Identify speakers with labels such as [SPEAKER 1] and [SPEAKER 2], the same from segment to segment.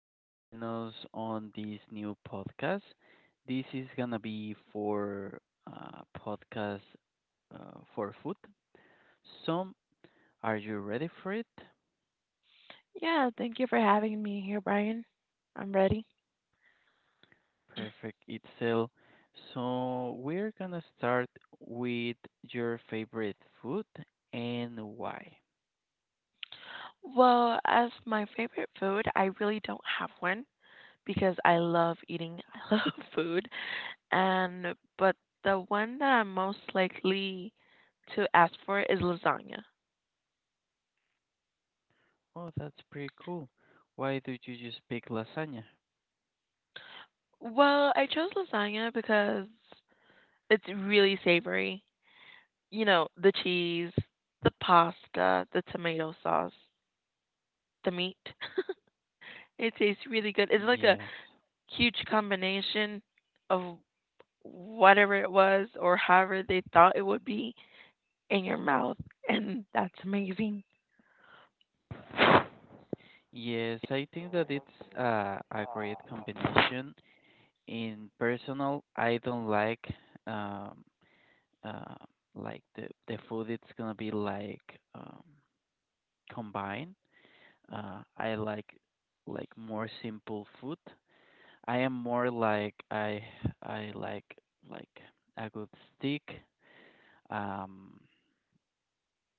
[SPEAKER 1] for joining us on this new podcast. This is gonna be for podcast for food. So, are you ready for it?
[SPEAKER 2] Yeah, thank you for having me here, Brian. I'm ready.
[SPEAKER 1] Perfect, Itzel. So we're gonna start with your favorite food and why.
[SPEAKER 2] Well, as my favorite food, I really don't have one because I love eating. I love food. And but the one that I'm most likely to ask for is lasagna.
[SPEAKER 1] Oh, that's pretty cool. Why did you just pick lasagna?
[SPEAKER 2] Well, I chose lasagna because it's really savory. You know, the cheese, the pasta, the tomato sauce, the meat. It tastes really good. It's like a
[SPEAKER 1] Yes.
[SPEAKER 2] huge combination of whatever it was or however they thought it would be in your mouth. And that's amazing.
[SPEAKER 1] Yes, I think that it's a great combination in personal, I don't um, uh, like the food. It's gonna be like um, combined. I like more simple food. I am more like I like a good steak. Um,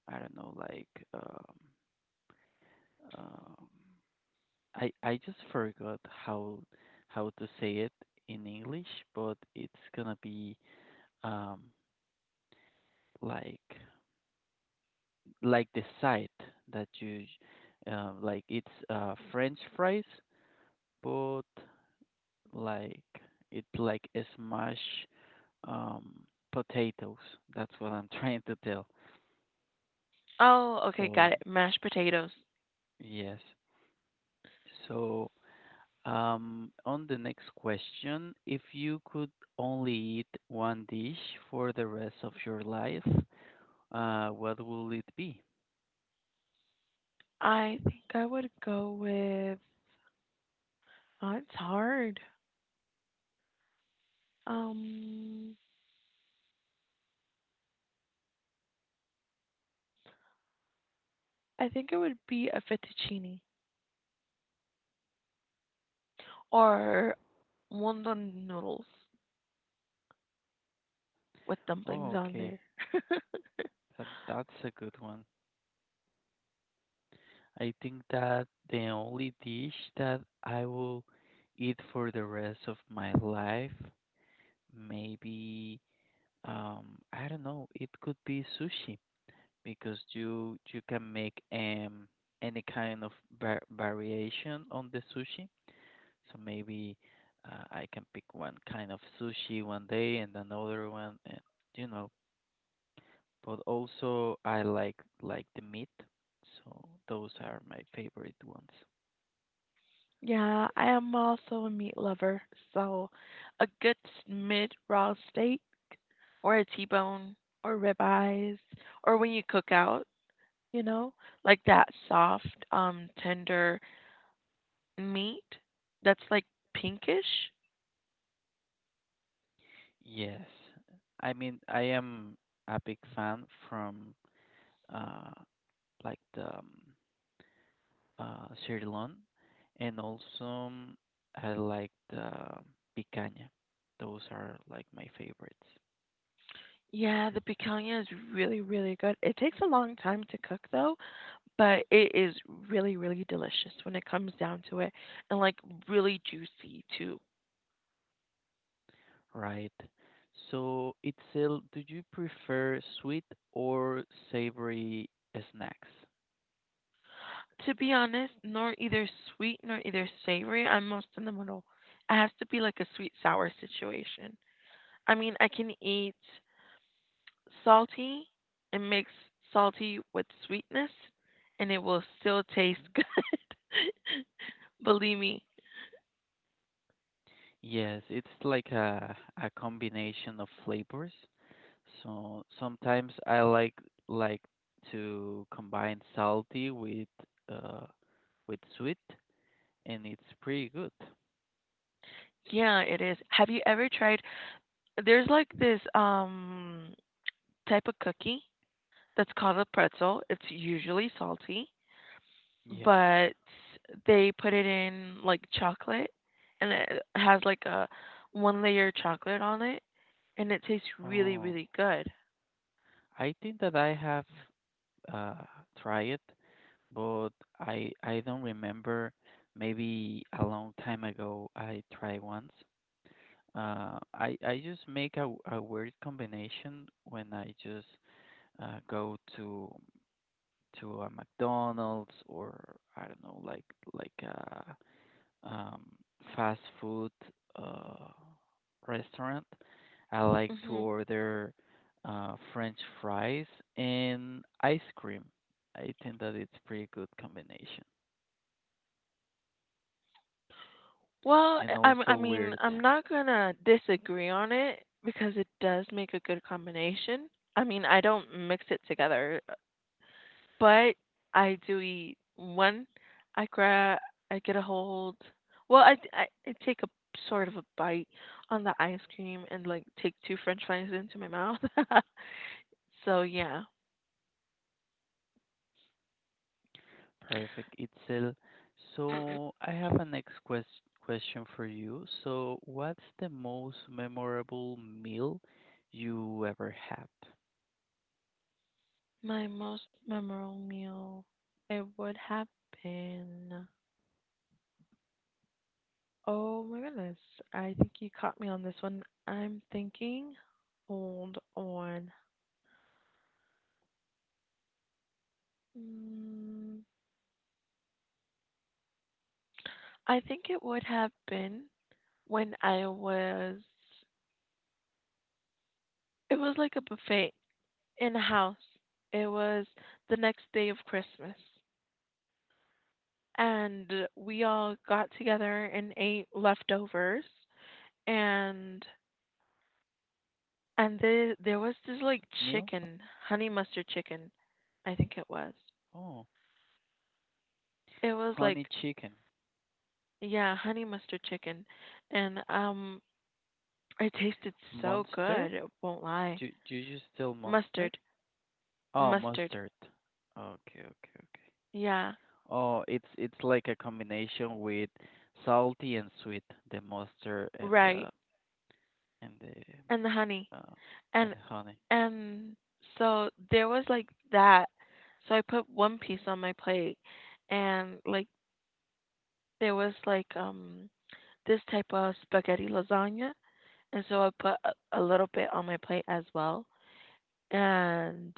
[SPEAKER 1] I don't know, like um, um, I just forgot how to say it in English, but it's gonna be um like like the side that you like it's French fries, but like it's like a smash um, potatoes. That's what I'm trying to tell.
[SPEAKER 2] Oh, okay, got
[SPEAKER 1] So
[SPEAKER 2] it. Mashed potatoes.
[SPEAKER 1] yes. So on the next question, if you could only eat one dish for the rest of your life, what will it be?
[SPEAKER 2] I think I would go with. Oh, it's hard. Um, I think it would be a fettuccine or wonton noodles with
[SPEAKER 1] Oh,
[SPEAKER 2] dumplings on
[SPEAKER 1] okay.
[SPEAKER 2] there.
[SPEAKER 1] That's a good one. I think that the only dish that I will eat for the rest of my life, maybe I don't know, it could be sushi because you can make any kind of variation on the sushi. So maybe I can pick one kind of sushi one day and another one and you know, but also I like the meat. So those are my favorite ones.
[SPEAKER 2] Yeah, I am also a meat lover, so a good mid raw steak or a T-bone or ribeyes or when you cook out, you know, like that soft, tender meat that's like pinkish.
[SPEAKER 1] Yes. I mean, I am a big fan from uh like the Sri Lanka and also I like the picanha. Those are like my favorites,
[SPEAKER 2] Yeah, the picanha is really, really good. It takes a long time to cook though, but it is really, really delicious when it comes down to it and like really juicy too.
[SPEAKER 1] right? So, Itzel, do you prefer sweet or savory snacks?
[SPEAKER 2] To be honest, nor either sweet nor either savory. I'm most in the middle. It has to be like a sweet sour situation. I mean, I can eat salty and mix salty with sweetness, and it will still taste
[SPEAKER 1] Mm.
[SPEAKER 2] good. Believe me.
[SPEAKER 1] Yes, it's like a combination of flavors. So sometimes I like to combine salty uh with sweet and it's pretty good.
[SPEAKER 2] Yeah, it is. Have you ever tried? There's like this type of cookie that's called a pretzel. It's usually salty,
[SPEAKER 1] Yes.
[SPEAKER 2] but they put it in like chocolate and it has like a one layer chocolate on it and it tastes really
[SPEAKER 1] Oh,
[SPEAKER 2] really good.
[SPEAKER 1] I think that I have uh tried it, but I don't remember. Maybe a long time ago I tried once. I just make a weird combination when I just go to a McDonald's or I don't know, like a um, fast food uh, restaurant. I like to
[SPEAKER 2] Mhm.
[SPEAKER 1] order French fries and ice cream. I think that it's pretty good combination
[SPEAKER 2] Well,
[SPEAKER 1] and also
[SPEAKER 2] I mean,
[SPEAKER 1] weird.
[SPEAKER 2] I'm not gonna disagree on it because it does make a good combination. I mean, I don't mix it together. But I do eat one. I grab, I get a hold. Well, I take a sort of a bite on the ice cream and like take two French fries into my mouth. So yeah,
[SPEAKER 1] Perfect, Itzel. So I have a question for you. So what's the most memorable meal you ever had?
[SPEAKER 2] my most memorable meal it would have been. Oh my goodness. I think you caught me on this one. I'm thinking. Hold on. Mm, I think it would have been when I was. It was like a buffet in the house. It was the next day of Christmas. And we all got together and ate leftovers and there was
[SPEAKER 1] Meal?
[SPEAKER 2] this like chicken, honey mustard chicken, I think it was.
[SPEAKER 1] Oh,
[SPEAKER 2] It was
[SPEAKER 1] honey
[SPEAKER 2] like
[SPEAKER 1] chicken.
[SPEAKER 2] yeah, honey mustard chicken. And it tasted so
[SPEAKER 1] Monster?
[SPEAKER 2] good, it won't lie.
[SPEAKER 1] Do, do you still monster?
[SPEAKER 2] Mustard,
[SPEAKER 1] Oh,
[SPEAKER 2] mustard.
[SPEAKER 1] mustard. Okay, okay, okay.
[SPEAKER 2] Yeah,
[SPEAKER 1] Oh, it's like a combination with salty and sweet, the mustard and
[SPEAKER 2] right.
[SPEAKER 1] the and
[SPEAKER 2] And the honey.
[SPEAKER 1] the uh,
[SPEAKER 2] And
[SPEAKER 1] and honey.
[SPEAKER 2] And so there was like that. So I put one piece on my plate and like there was like this type of spaghetti lasagna and so I put a little bit on my plate as well. And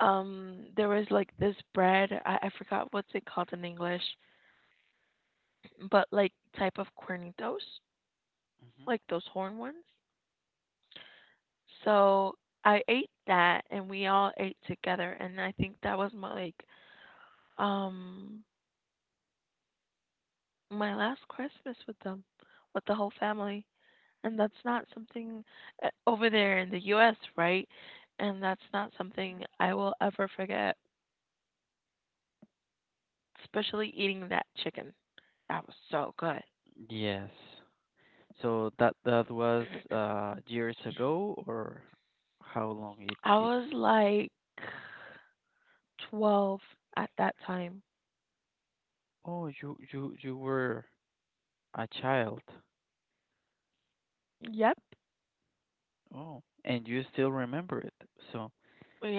[SPEAKER 2] there was like this bread, I forgot what's it called in English, but like type of cornitos,
[SPEAKER 1] Hmm.
[SPEAKER 2] like those horn ones. So I ate that and we all ate together and I think that was my um my last Christmas with them, with the whole family. And that's not something over there in the US, right? And that's not something I will ever forget, especially eating that chicken. That was so good.
[SPEAKER 1] Yes. So that that was years ago or how long it
[SPEAKER 2] I
[SPEAKER 1] it?
[SPEAKER 2] was like 12 at that time.
[SPEAKER 1] Oh, you were a child.
[SPEAKER 2] Yep.
[SPEAKER 1] Oh, and you still remember it. So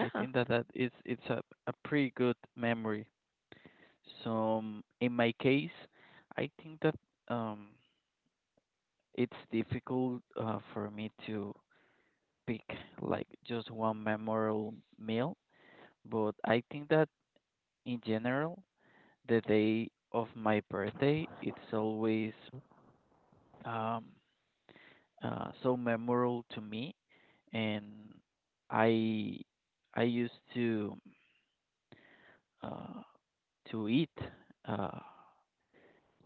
[SPEAKER 1] I think that that is it's a pretty good memory. So in my case, I think that um it's difficult for me to pick like just one memorable meal, but I think that in general, the day of my birthday, it's always um so memorable to me, and I I used to. uh, to eat uh,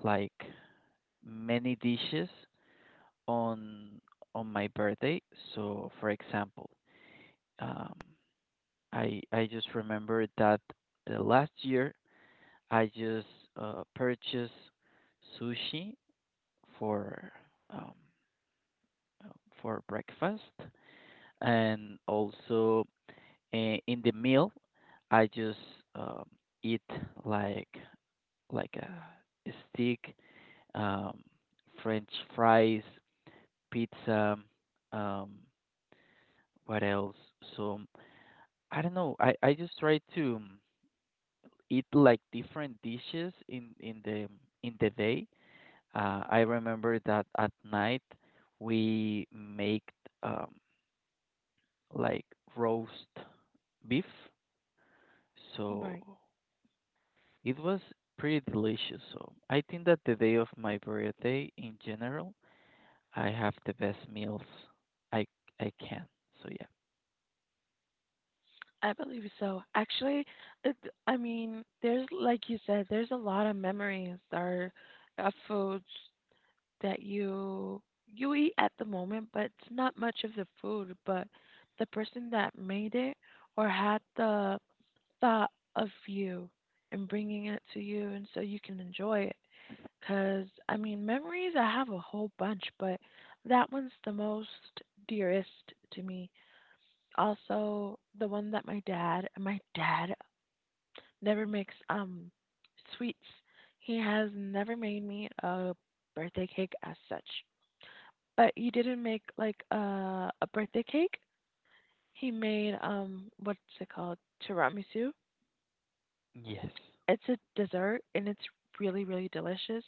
[SPEAKER 1] like many dishes on on my birthday. So, for example, um, I just remember that the last year I just purchased sushi for um, uh, for breakfast, and also uh, in the meal I just um, eat like like a stick um, French fries, pizza, um, what else? So I don't know. I just try to eat like different dishes in the day. I remember that at night we make um, like roast beef, so
[SPEAKER 2] Right.
[SPEAKER 1] it was pretty delicious. So I think that the day of my birthday in general, I have the best meals I I can. So yeah.
[SPEAKER 2] I believe so. Actually, it, I mean, there's like you said, there's a lot of memories that are of foods that you eat at the moment, but it's not much of the food, but the person that made it or had the thought of you and bringing it to you, and so you can enjoy it. Cause I mean, memories I have a whole bunch, but that one's the most dearest to me. Also, the one that my dad never makes sweets. He has never made me a birthday cake as such. But you didn't make like a birthday cake. He made what's it called? Tiramisu.
[SPEAKER 1] Yes.
[SPEAKER 2] It's a dessert and it's really really delicious.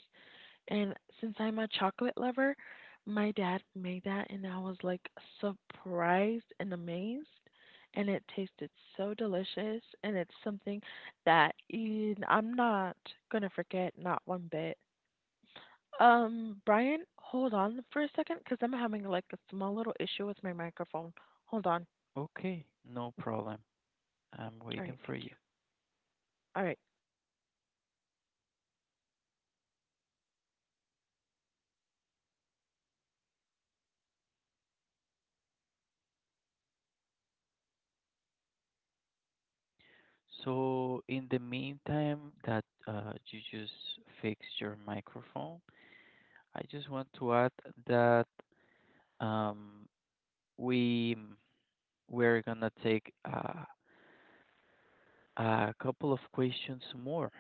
[SPEAKER 2] And since I'm a chocolate lover, my dad made that and I was like surprised and amazed. And it tasted so delicious and it's something that I'm not gonna forget not one bit. Brian, hold on for a second because I'm having like a small little issue with my microphone. Hold on.
[SPEAKER 1] Okay, no problem. I'm
[SPEAKER 2] All
[SPEAKER 1] waiting
[SPEAKER 2] right,
[SPEAKER 1] for
[SPEAKER 2] thank
[SPEAKER 1] you.
[SPEAKER 2] you. All right.
[SPEAKER 1] So in the meantime that you just fix your microphone, I just want to add that um, we we're gonna take a couple of questions more.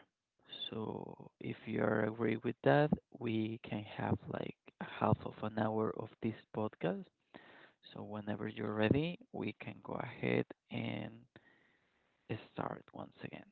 [SPEAKER 1] So if you are agree with that, we can have like half of an hour of this podcast. So whenever you're ready, we can go ahead and start once again.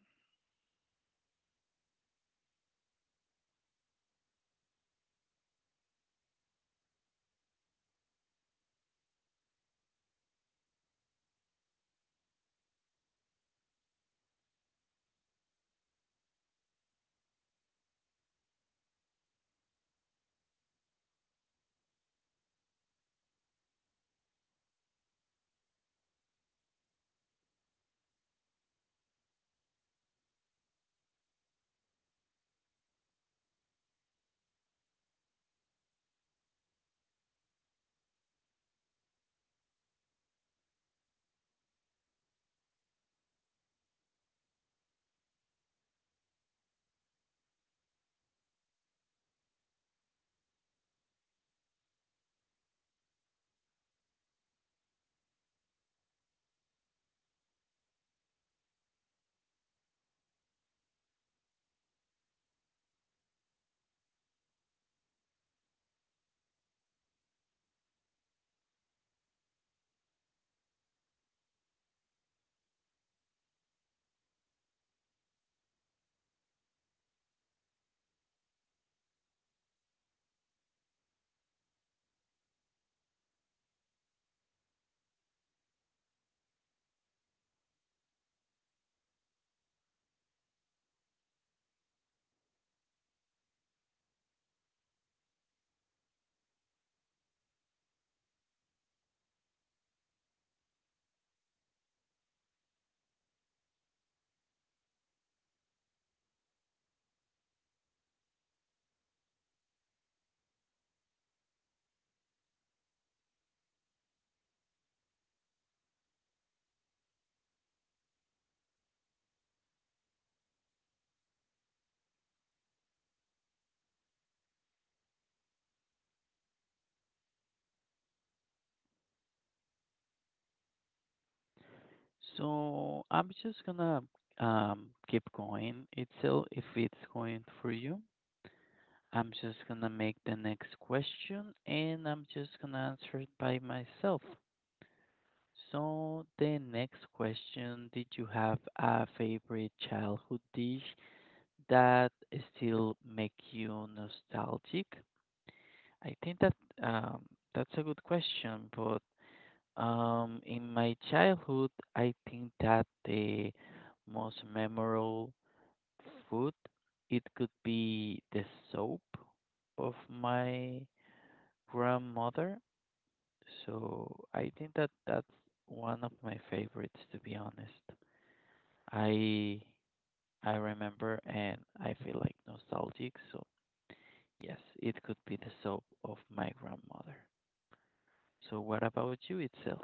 [SPEAKER 1] So I'm just gonna keep going itself if it's going for you. I'm just gonna make the next question and I'm just gonna answer it by myself. So the next question, did you have a favorite childhood dish that still make you nostalgic? I think that um, that's a good question, but um, in my childhood, I think that the most memorable food it could be the soap of my grandmother. So I think that that's one of my favorites, to be honest. I I remember and I feel like nostalgic. So yes, it could be the soap of my grandmother. So what about you, Itzel?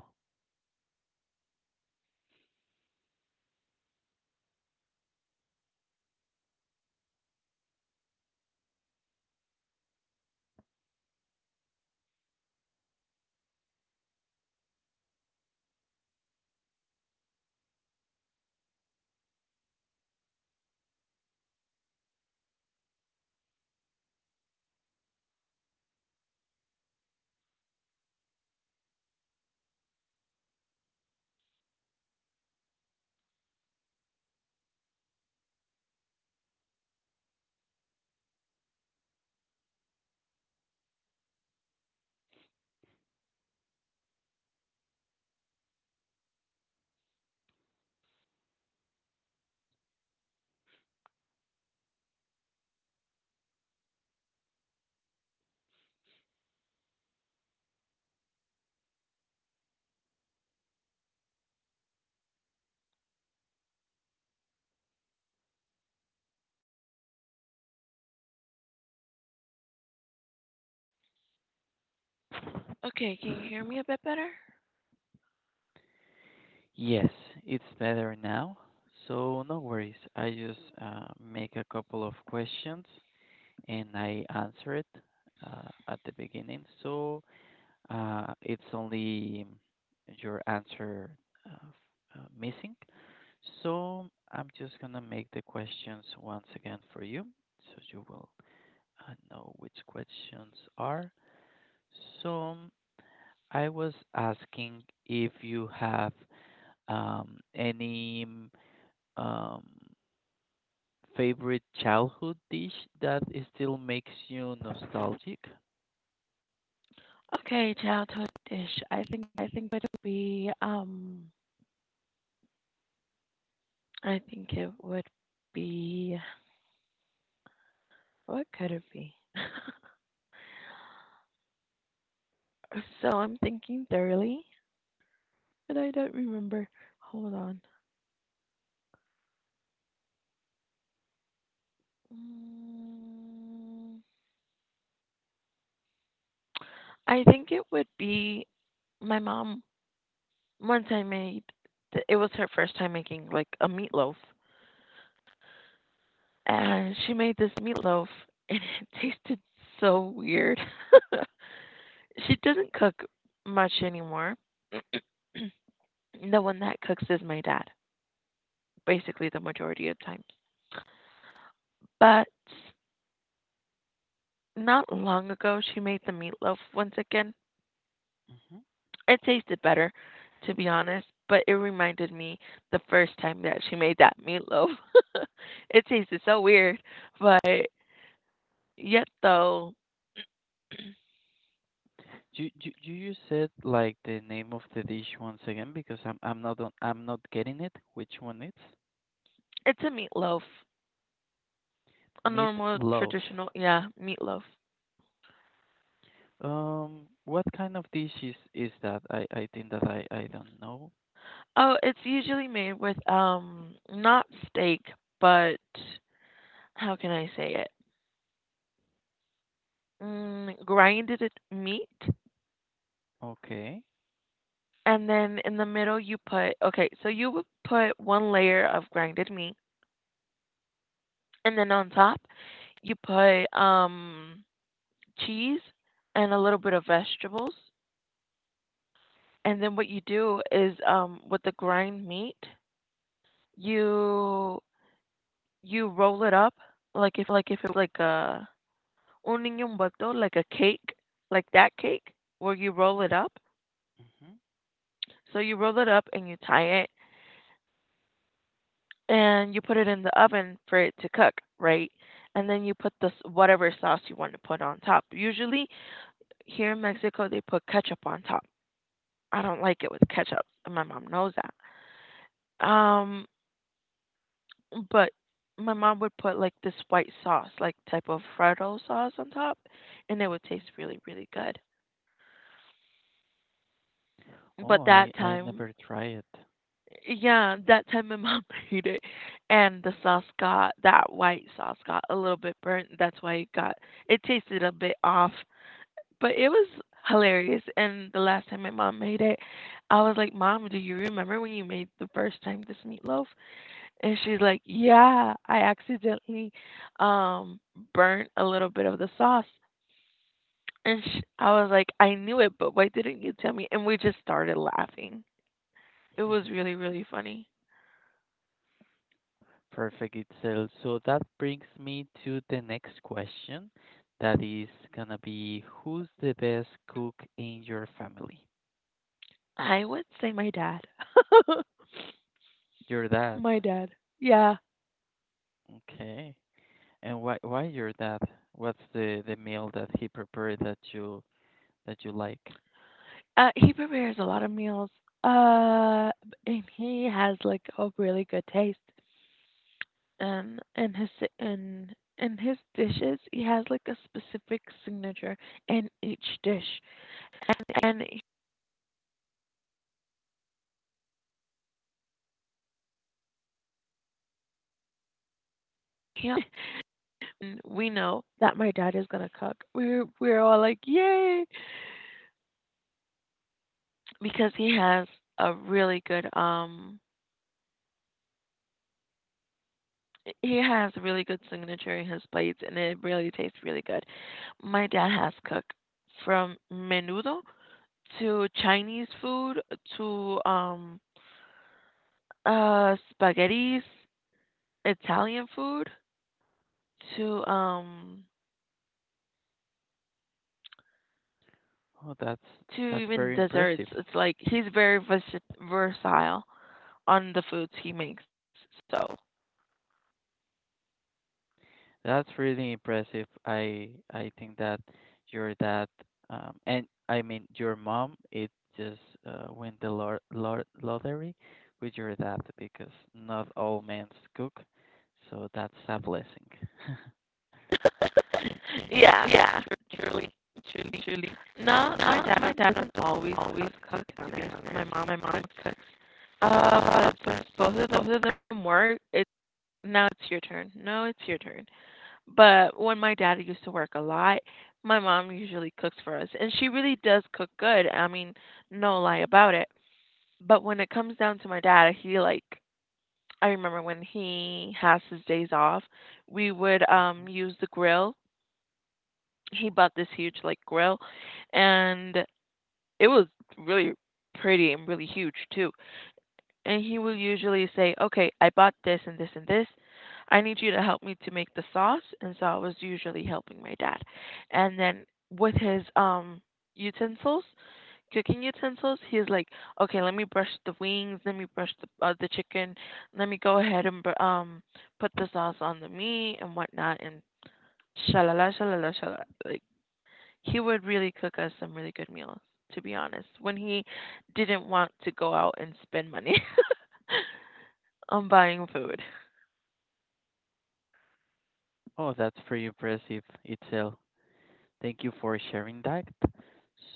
[SPEAKER 2] Okay, can you hear me a bit better?
[SPEAKER 1] Yes, it's better now. So no worries. I just make a couple of questions and I answer it at the beginning. So it's only your answer missing. So I'm just gonna make the questions once again for you, so you will know which questions are. So I was asking if you have any um, favorite childhood dish that is still makes you nostalgic?
[SPEAKER 2] Okay, childhood dish. I think it would be I think it would be what could it be? So I'm thinking thoroughly, but I don't remember. Hold on. Mm, I think it would be my mom. Once I made, it was her first time making like a meatloaf, and she made this meatloaf, and it tasted so weird. She doesn't cook much anymore. The one that cooks is my dad, basically the majority of times. But not long ago, she made the meatloaf once again.
[SPEAKER 1] Hmm.
[SPEAKER 2] It tasted better, to be honest, but it reminded me the first time that she made that meatloaf. It tasted so weird, but yet though,
[SPEAKER 1] Do, do, do you said like the name of the dish once again because I'm not on, I'm not getting it. Which one it's?
[SPEAKER 2] it's a meatloaf, a
[SPEAKER 1] Meat
[SPEAKER 2] normal
[SPEAKER 1] loaf.
[SPEAKER 2] traditional, yeah, meatloaf.
[SPEAKER 1] What kind of dish is that? I think that I don't know.
[SPEAKER 2] Oh, it's usually made with not steak, but how can I say it? Grinded meat,
[SPEAKER 1] Okay.
[SPEAKER 2] and then in the middle you put okay, so you would put one layer of grinded meat. And then on top, you put cheese and a little bit of vegetables. And then what you do is with the grind meat, you you roll it up like if it was like a un butter, like a cake, like that cake where you roll it up.
[SPEAKER 1] Hmm.
[SPEAKER 2] So you roll it up and you tie it and you put it in the oven for it to cook, right? And then you put this whatever sauce you want to put on top. Usually here in Mexico they put ketchup on top. I don't like it with ketchup, and my mom knows that. Um, but my mom would put like this white sauce, like type of Freddo sauce on top, and it would
[SPEAKER 1] Hmm.
[SPEAKER 2] taste really, really good.
[SPEAKER 1] Oh,
[SPEAKER 2] But
[SPEAKER 1] I,
[SPEAKER 2] that
[SPEAKER 1] I
[SPEAKER 2] time,
[SPEAKER 1] never try it.
[SPEAKER 2] yeah, that time my mom made it, and the sauce got that white sauce got a little bit burnt. That's why it tasted a bit off, but it was hilarious. And the last time my mom made it, I was like, "Mom, do you remember when you made the first time this meatloaf?" And she's like, "Yeah, I accidentally um burnt a little bit of the sauce." And sh I was like, "I knew it, but why didn't you tell me?" And we just started laughing. It was really, really funny.
[SPEAKER 1] Perfect, itself. So that brings me to the next question. That is gonna be who's the best cook in your family?
[SPEAKER 2] I would say my dad.
[SPEAKER 1] Your dad.
[SPEAKER 2] My dad. Yeah.
[SPEAKER 1] Okay. And why your dad? What's the meal that he prepared that you like?
[SPEAKER 2] He prepares a lot of meals. Uh, and he has like a really good taste. And in in his dishes, he has like a specific signature in each dish. And can and we know that my dad is gonna cook. We're all like, yay, because he has a really good he has a really good signature in his plates, and it really tastes really good. My dad has cooked from menudo to Chinese food to uh spaghettis, Italian food to um
[SPEAKER 1] Oh, that's
[SPEAKER 2] to even
[SPEAKER 1] very
[SPEAKER 2] desserts.
[SPEAKER 1] impressive.
[SPEAKER 2] It's like he's very versatile on the foods he makes. So
[SPEAKER 1] That's really impressive. I think that your dad, and I mean your mom, it just win the lottery with your dad because not all men cook, so that's a blessing.
[SPEAKER 2] yeah, yeah, truly, truly, truly. No, no, my dad doesn't always always always cook dinners. My mom cooks. Since both of them work, it now it's your turn. No, it's your turn. But when my dad used to work a lot, my mom usually cooks for us, and she really does cook good. I mean, no lie about it. But when it comes down to my dad, he like I remember when he has his days off, we would
[SPEAKER 1] Mhm.
[SPEAKER 2] use the grill. He bought this huge like grill and it was really pretty and really huge too. And he will usually say, "Okay, I bought this and this and this. I need you to help me to make the sauce." And so I was usually helping my dad. And then with his utensils, cooking utensils, he's like, okay, let me brush the wings, let me brush the chicken, let me go ahead and put the sauce on the meat and whatnot, and shalala shalala shalala. Like he would really cook us some really good meals, to be honest, when he didn't want to go out and spend money on buying food.
[SPEAKER 1] Oh, that's pretty impressive itself. Thank you for sharing that.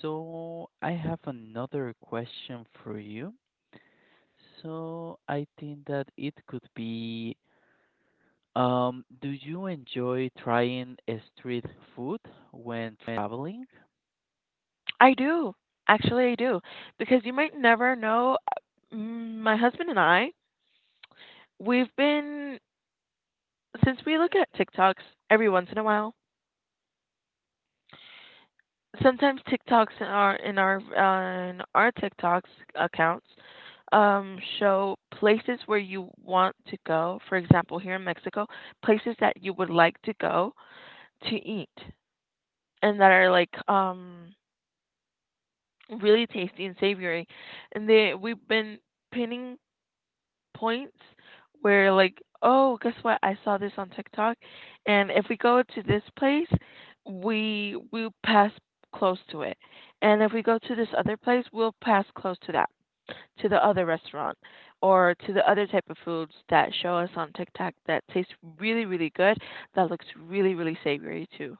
[SPEAKER 1] So I have another question for you. So I think that it could be um, do you enjoy trying a street food when traveling?
[SPEAKER 2] I do actually, I do because you might never know. My husband and I, we've been since we look at TikToks every once in a while sometimes TikToks in our in our TikToks accounts show places where you want to go. For example, here in Mexico, places that you would like to go to eat and that are like really tasty and savory. And they we've been pinning points where like, oh, guess what? I saw this on TikTok, and if we go to this place, we will pass close to it, and if we go to this other place, we'll pass close to that, to the other restaurant, or to the other type of foods that show us on TikTok that taste really, really good, that looks really, really savory too.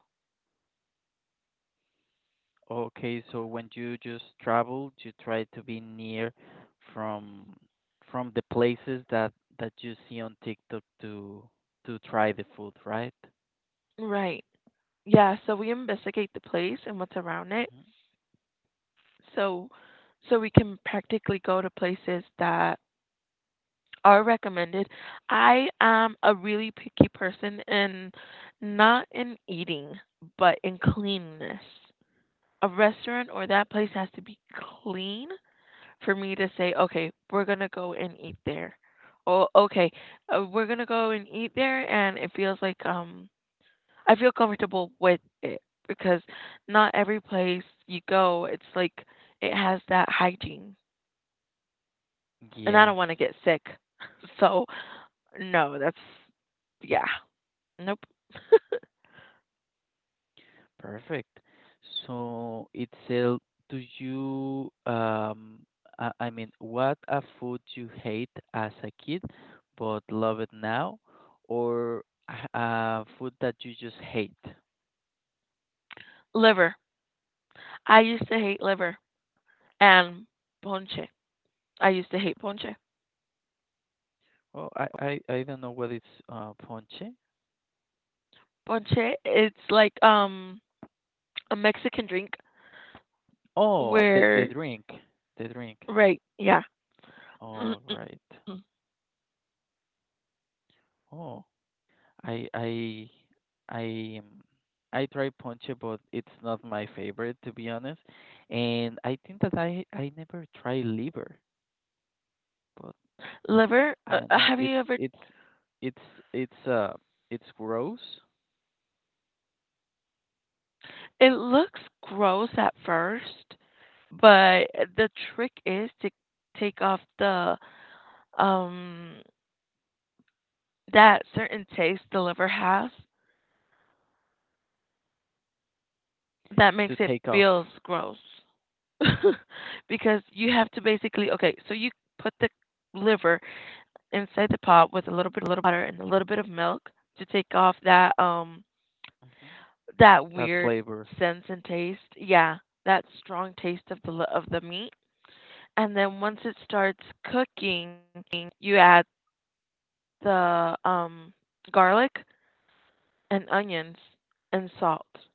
[SPEAKER 1] Okay, so when you just travel, you try to be near from from the places that that you see on TikTok to try the food, right?
[SPEAKER 2] Right. Yeah, so we investigate the place and what's around it.
[SPEAKER 1] Mhm.
[SPEAKER 2] So so we can practically go to places that are recommended. I am a really picky person and not in eating, but in cleanness. A restaurant or that place has to be clean for me to say, okay, we're going to go and eat there. Or, okay, we're going to go and eat there. And it feels like I feel comfortable with it because not every place you go, it's like it has that hygiene. And I
[SPEAKER 1] Yes.
[SPEAKER 2] don't want to get sick. So no, that's yeah. Nope.
[SPEAKER 1] Perfect. So, Itzel, do you, I mean, what a food you hate as a kid but love it now, or a food that you just hate?
[SPEAKER 2] Liver. I used to hate liver and ponche. I used to hate ponche.
[SPEAKER 1] Oh, I don't know what it's ponche.
[SPEAKER 2] Ponche, it's like a Mexican drink
[SPEAKER 1] Oh, the
[SPEAKER 2] where
[SPEAKER 1] drink, the drink.
[SPEAKER 2] right, yeah.
[SPEAKER 1] Oh, all right.
[SPEAKER 2] Mm-mm-mm.
[SPEAKER 1] Oh, I I I um, I try ponche, but it's not my favorite to be honest. And I think that I never try liver, but
[SPEAKER 2] Liver,
[SPEAKER 1] I don't know.
[SPEAKER 2] have you ever.
[SPEAKER 1] It's it's uh it's gross
[SPEAKER 2] It looks gross at first, but the trick is to take off the um that certain taste the liver has that makes
[SPEAKER 1] to
[SPEAKER 2] it
[SPEAKER 1] take off
[SPEAKER 2] feels gross. Because you have to basically okay, so you put the liver inside the pot with a little bit of butter and a little bit of milk to take off that um
[SPEAKER 1] hmm
[SPEAKER 2] that
[SPEAKER 1] that
[SPEAKER 2] weird
[SPEAKER 1] flavor.
[SPEAKER 2] sense and taste. Yeah, that strong taste of the meat. And then once it starts cooking, you add the garlic and onions and salt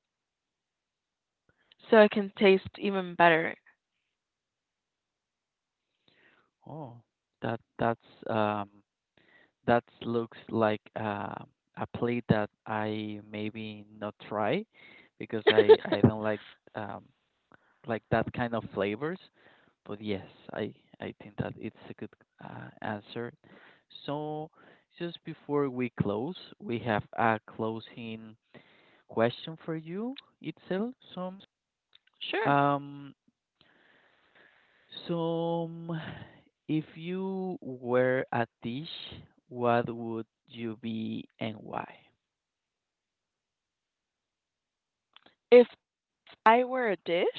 [SPEAKER 2] so it can taste even better.
[SPEAKER 1] Oh, that that's um that looks like a plate that I maybe not try because I don't um like that kind of flavors. But yes, I I think that it's a good answer. So just before we close, we have a closing question for you itself.
[SPEAKER 2] Sure.
[SPEAKER 1] Um some if you were a dish, what would you be and why?
[SPEAKER 2] If I were a dish,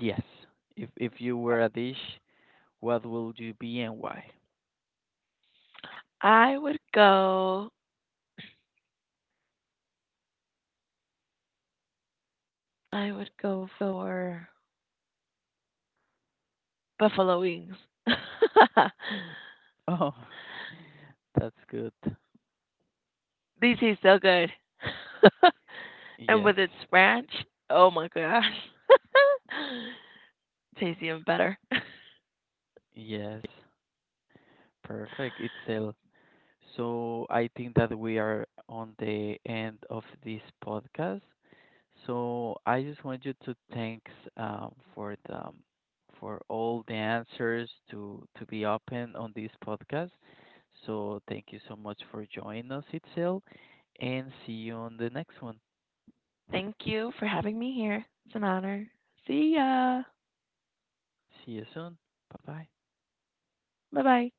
[SPEAKER 1] Yes. If you were a dish, what would you be and why?
[SPEAKER 2] I would go I would go for buffalo wings.
[SPEAKER 1] Oh, that's good.
[SPEAKER 2] These taste so good. And
[SPEAKER 1] Yes.
[SPEAKER 2] with its ranch, oh my gosh. Tastes even better.
[SPEAKER 1] Yes, perfect, Itzel. So I think that we are on the end of this podcast. So I just want you to thanks for the for all the answers to be open on this podcast. So thank you so much for joining us, Itzel, and see you on the next one.
[SPEAKER 2] Thank you for having me here. It's an honor. See ya.
[SPEAKER 1] See you soon. Bye bye.
[SPEAKER 2] Bye-bye.